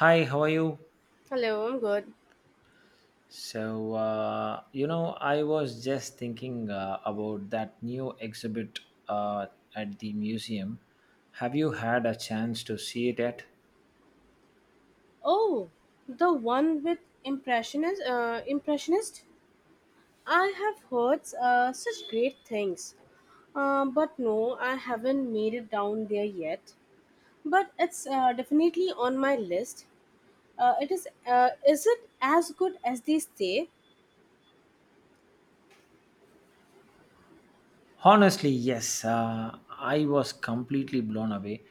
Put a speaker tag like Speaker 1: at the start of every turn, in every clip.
Speaker 1: Hi, how are you?
Speaker 2: Hello, I'm good.
Speaker 1: So I was just thinking about that new exhibit uh, at the museum. Have you had a chance to see it yet?
Speaker 2: Oh, the one with impressionist. Impressionist. I have heard such great things, but no, I haven't made it down there yet. But it's definitely on my list. It is. Is it as good as they say?
Speaker 1: Honestly, yes. I was completely blown away.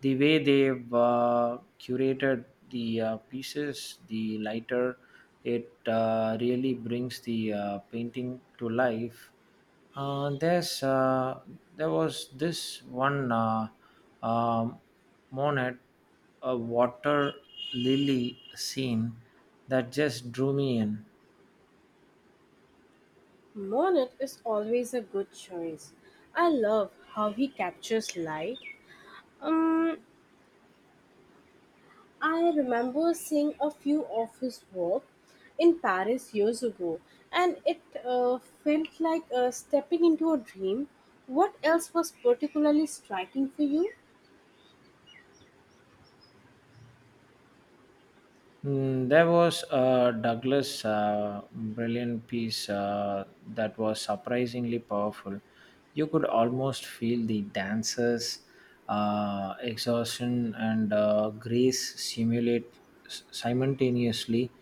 Speaker 1: The way they've curated the pieces, the lighter, it really brings the painting to life. Uh, there's uh, there was this one um, monet, a water lily scene that just drew me in.
Speaker 2: Monet is always a good choice. I love how he captures light. Um, I remember seeing a few of his work in Paris years ago, and it felt like stepping into a dream. What else was particularly striking for you?
Speaker 1: There was a Douglas brilliant piece that was surprisingly powerful. You could almost feel the dancers' exhaustion and grace simultaneously.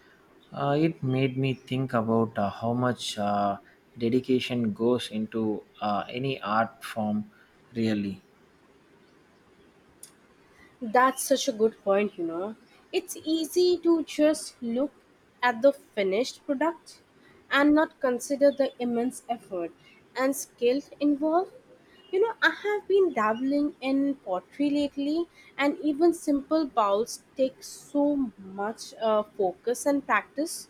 Speaker 1: It made me think about how much dedication goes into any art form, really.
Speaker 2: That's such a good point, you know. It's easy to just look at the finished product and not consider the immense effort and skill involved. I have been dabbling in pottery lately, and even simple bowls take so much focus and practice.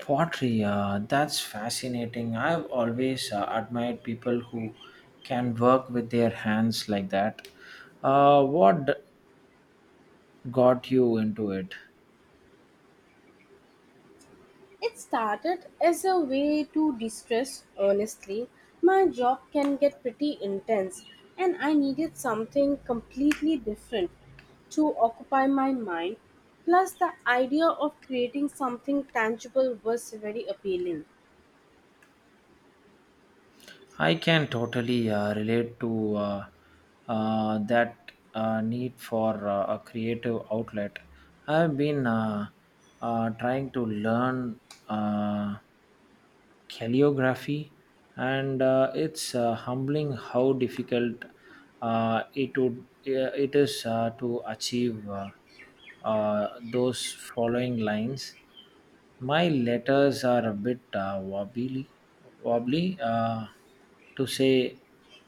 Speaker 1: Pottery, that's fascinating. I've always admired people who can work with their hands like that. Uh, what d- got you into it?
Speaker 2: It started as a way to distress, honestly. My job can get pretty intense, and I needed something completely different to occupy my mind. Plus, the idea of creating something tangible was very appealing.
Speaker 1: I can totally relate to that need for a creative outlet. I've been trying to learn. Uh, Calligraphy and it's humbling how difficult it is to achieve those following lines. My letters are a bit wobbly wobbly, to say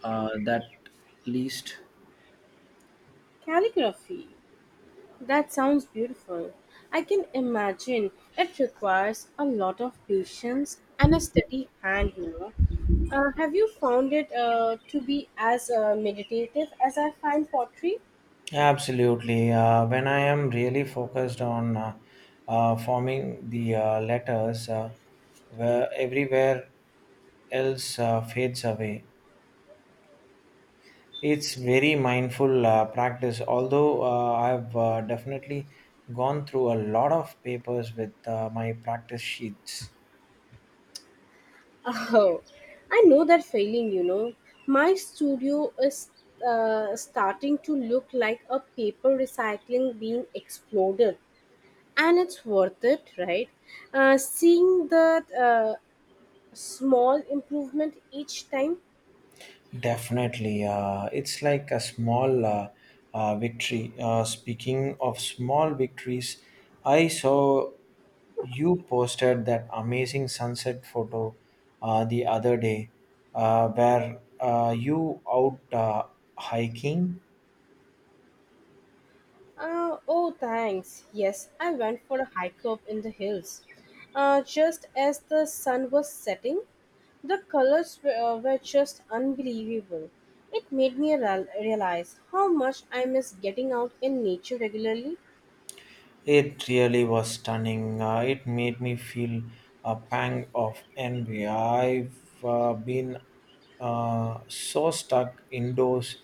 Speaker 1: that least.
Speaker 2: Calligraphy. That sounds beautiful. I can imagine it requires a lot of patience and a steady hand, you know. Have you found it to be as meditative as I find pottery?
Speaker 1: Absolutely. When I am really focused on forming the letters, where everywhere else fades away. It's very mindful practice. Although I've definitely gone through a lot of papers with my practice sheets.
Speaker 2: Oh, I know that feeling, you know. My studio is starting to look like a paper recycling being exploded, and it's worth it, right? Seeing the uh, small improvement each time.
Speaker 1: Definitely. It's like a small victory. Speaking of small victories, I saw you posted that amazing sunset photo the other day where you out hiking.
Speaker 2: Oh, thanks. Yes, I went for a hike up in the hills. Just as the sun was setting, the colors were just unbelievable. It made me realize how much I miss getting out in nature regularly.
Speaker 1: It really was stunning. It made me feel a pang of envy. I've been so stuck indoors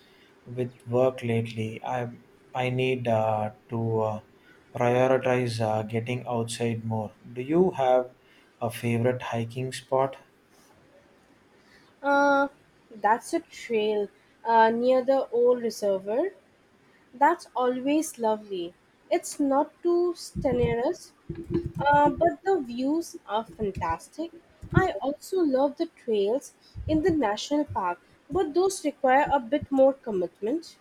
Speaker 1: with work lately. I need to prioritize getting outside more. Do you have a favorite hiking spot?
Speaker 2: Uh, that's a trail near the old reservoir. That's always lovely. It's not too strenuous. But the views are fantastic. I also love the trails in the national park, but those require a bit more commitment.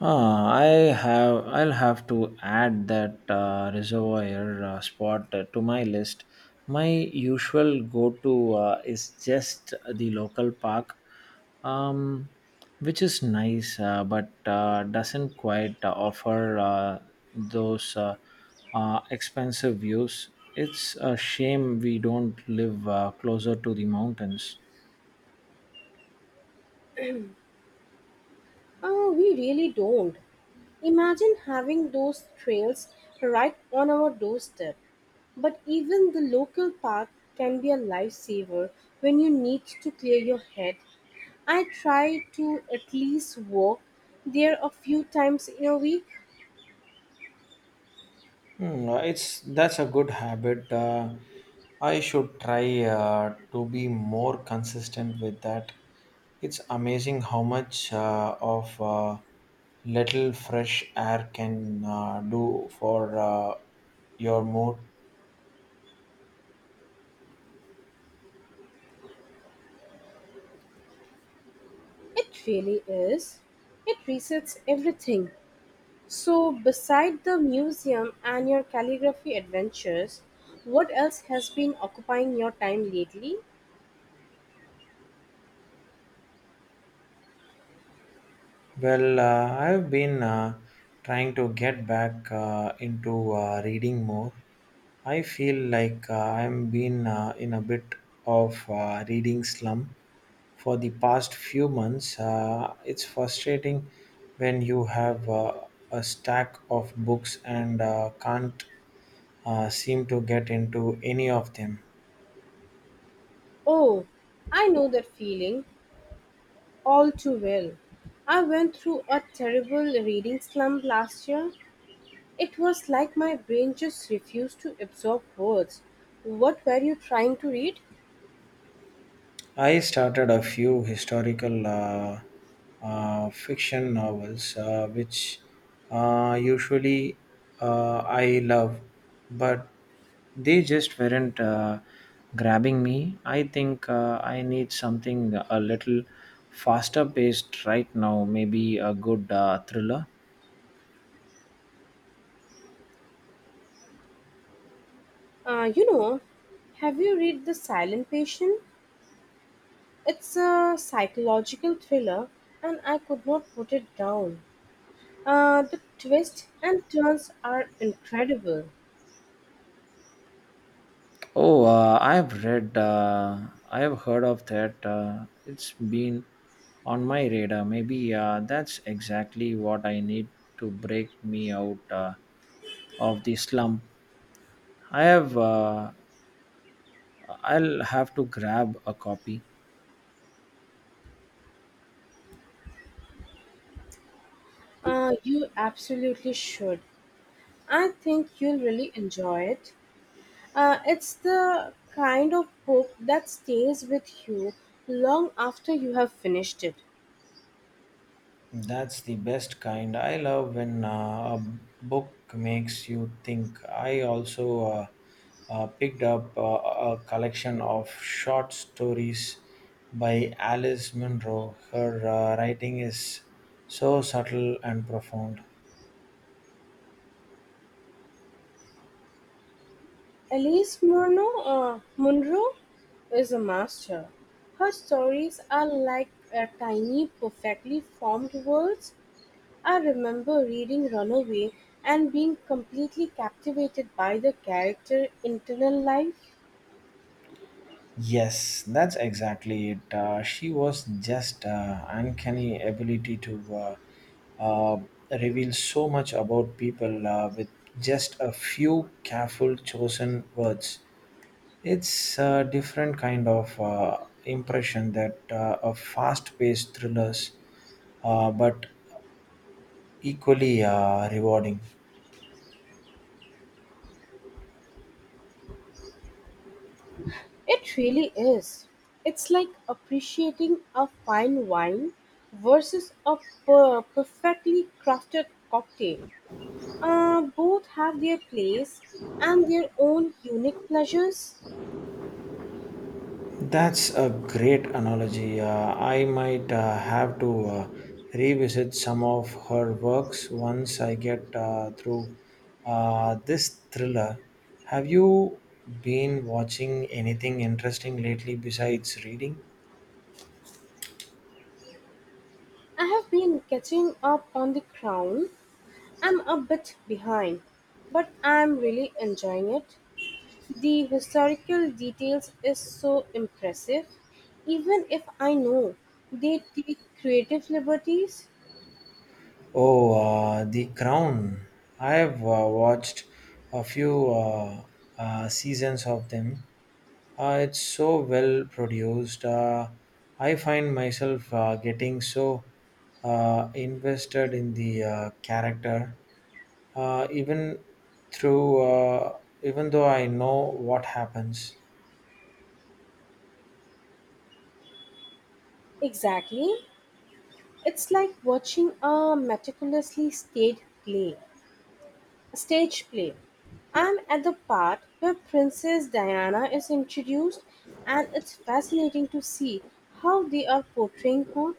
Speaker 1: Ah, I have. I'll have to add that reservoir spot to my list. My usual go-to is just the local park, um, which is nice, but doesn't quite offer those expensive views. It's a shame we don't live closer to the mountains.
Speaker 2: We really don't. Imagine having those trails right on our doorstep. But even the local park can be a lifesaver when you need to clear your head. I try to at least walk there a few times in a week.
Speaker 1: No, it's that's a good habit. I should try to be more consistent with that. It's amazing how much of little fresh air can do for your mood.
Speaker 2: It really is. It resets everything. So, beside the museum and your calligraphy adventures, what else has been occupying your time lately?
Speaker 1: Well, I've been trying to get back into reading more. I feel like I'm been in a bit of reading slump for the past few months. It's frustrating when you have a stack of books and can't seem to get into any of them.
Speaker 2: Oh, I know that feeling all too well. I went through a terrible reading slump last year. It was like my brain just refused to absorb words. What were you trying to read?
Speaker 1: I started a few historical fiction novels, which usually I love, but they just weren't grabbing me. I think I need something a little faster paced right now, maybe a good thriller.
Speaker 2: You know, have you read The Silent Patient? It's a psychological thriller and I could not put it down. The twists and turns are incredible.
Speaker 1: Oh, I have heard of that. It's been on my radar. Maybe that's exactly what I need to break me out of the slump. I have, uh, I'll have to grab a copy.
Speaker 2: You absolutely should. I think you'll really enjoy it. It's the kind of book that stays with you long after you have finished it.
Speaker 1: That's the best kind. I love when a book makes you think. I also picked up a collection of short stories by Alice Munro. Her writing is so subtle and profound.
Speaker 2: Munro is a master. Her stories are like a tiny, perfectly formed worlds. I remember reading "Runaway" and being completely captivated by the character internal life.
Speaker 1: Yes, that's exactly it. She was just uncanny ability to uh, uh, reveal so much about people with just a few careful chosen words. It's a different kind of impression that a fast-paced thrillers, but equally rewarding.
Speaker 2: It really is. It's like appreciating a fine wine versus a perfectly crafted cocktail. Both have their place and their own unique pleasures.
Speaker 1: That's a great analogy. I might have to revisit some of her works once I get through this thriller. Have you been watching anything interesting lately besides reading?
Speaker 2: I have been catching up on The Crown. I'm a bit behind, but I'm really enjoying it. The historical details is so impressive, even if I know they take creative liberties.
Speaker 1: Oh, The Crown. I have watched a few seasons of them. It's so well produced. I find myself getting so invested in the character, uh, even even though I know what happens.
Speaker 2: Exactly. It's like watching a meticulously staged play. Stage play. I'm at the part where Princess Diana is introduced, and it's fascinating to see how they are portraying her.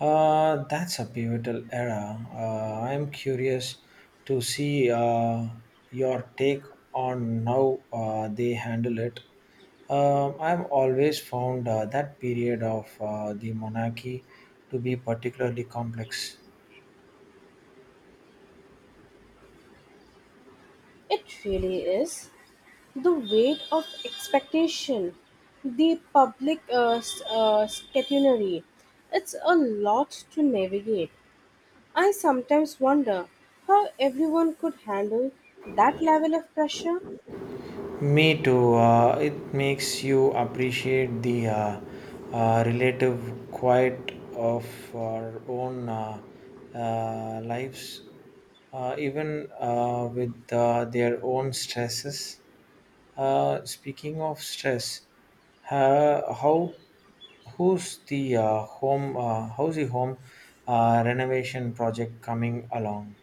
Speaker 1: That's a pivotal era. I'm curious to see your take on how they handle it. I've always found that period of the monarchy to be particularly complex.
Speaker 2: It really is. The weight of expectation, the public catenary, it's a lot to navigate. I sometimes wonder how everyone could handle that level of pressure.
Speaker 1: Me too. It makes you appreciate the relative quiet of our own lives, even with their own stresses. Speaking of stress, how who's the home? How's the home renovation project coming along?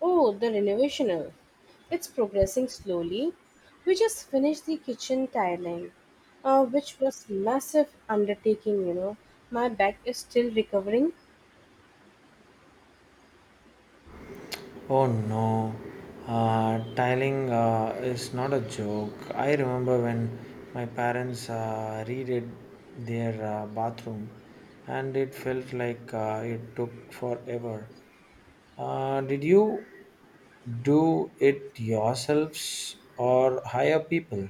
Speaker 2: Oh, the renovational. It's progressing slowly. We just finished the kitchen tiling, which was massive undertaking, you know. My back is still recovering.
Speaker 1: Oh no, tiling is not a joke. I remember when my parents redid their bathroom and it felt like it took forever. Did you do it yourselves or hire people?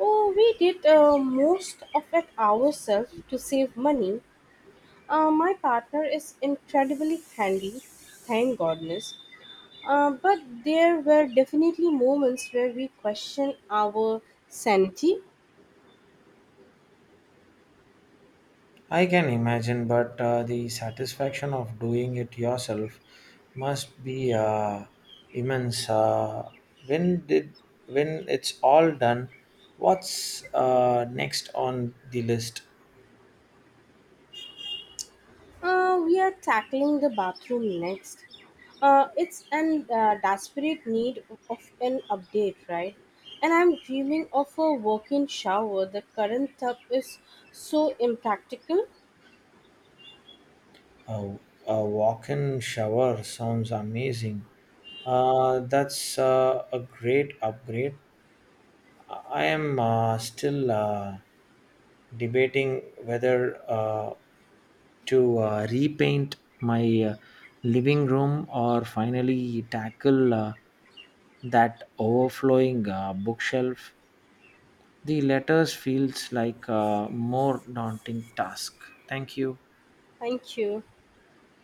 Speaker 2: Oh, we did most of it ourselves to save money. My partner is incredibly handy, thank goodness. But there were definitely moments where we questioned our sanity.
Speaker 1: I can imagine, but the satisfaction of doing it yourself must be immense. When did when it's all done, what's next on the list?
Speaker 2: We are tackling the bathroom next. It's an desperate need of an update, right? And I'm dreaming of a walk-in shower. The current tub is so impractical.
Speaker 1: Uh, a walk-in shower sounds amazing. That's a great upgrade. I am still debating whether to repaint my living room or finally tackle that overflowing bookshelf. The letters feels like a more daunting task. Thank you.
Speaker 2: Thank you.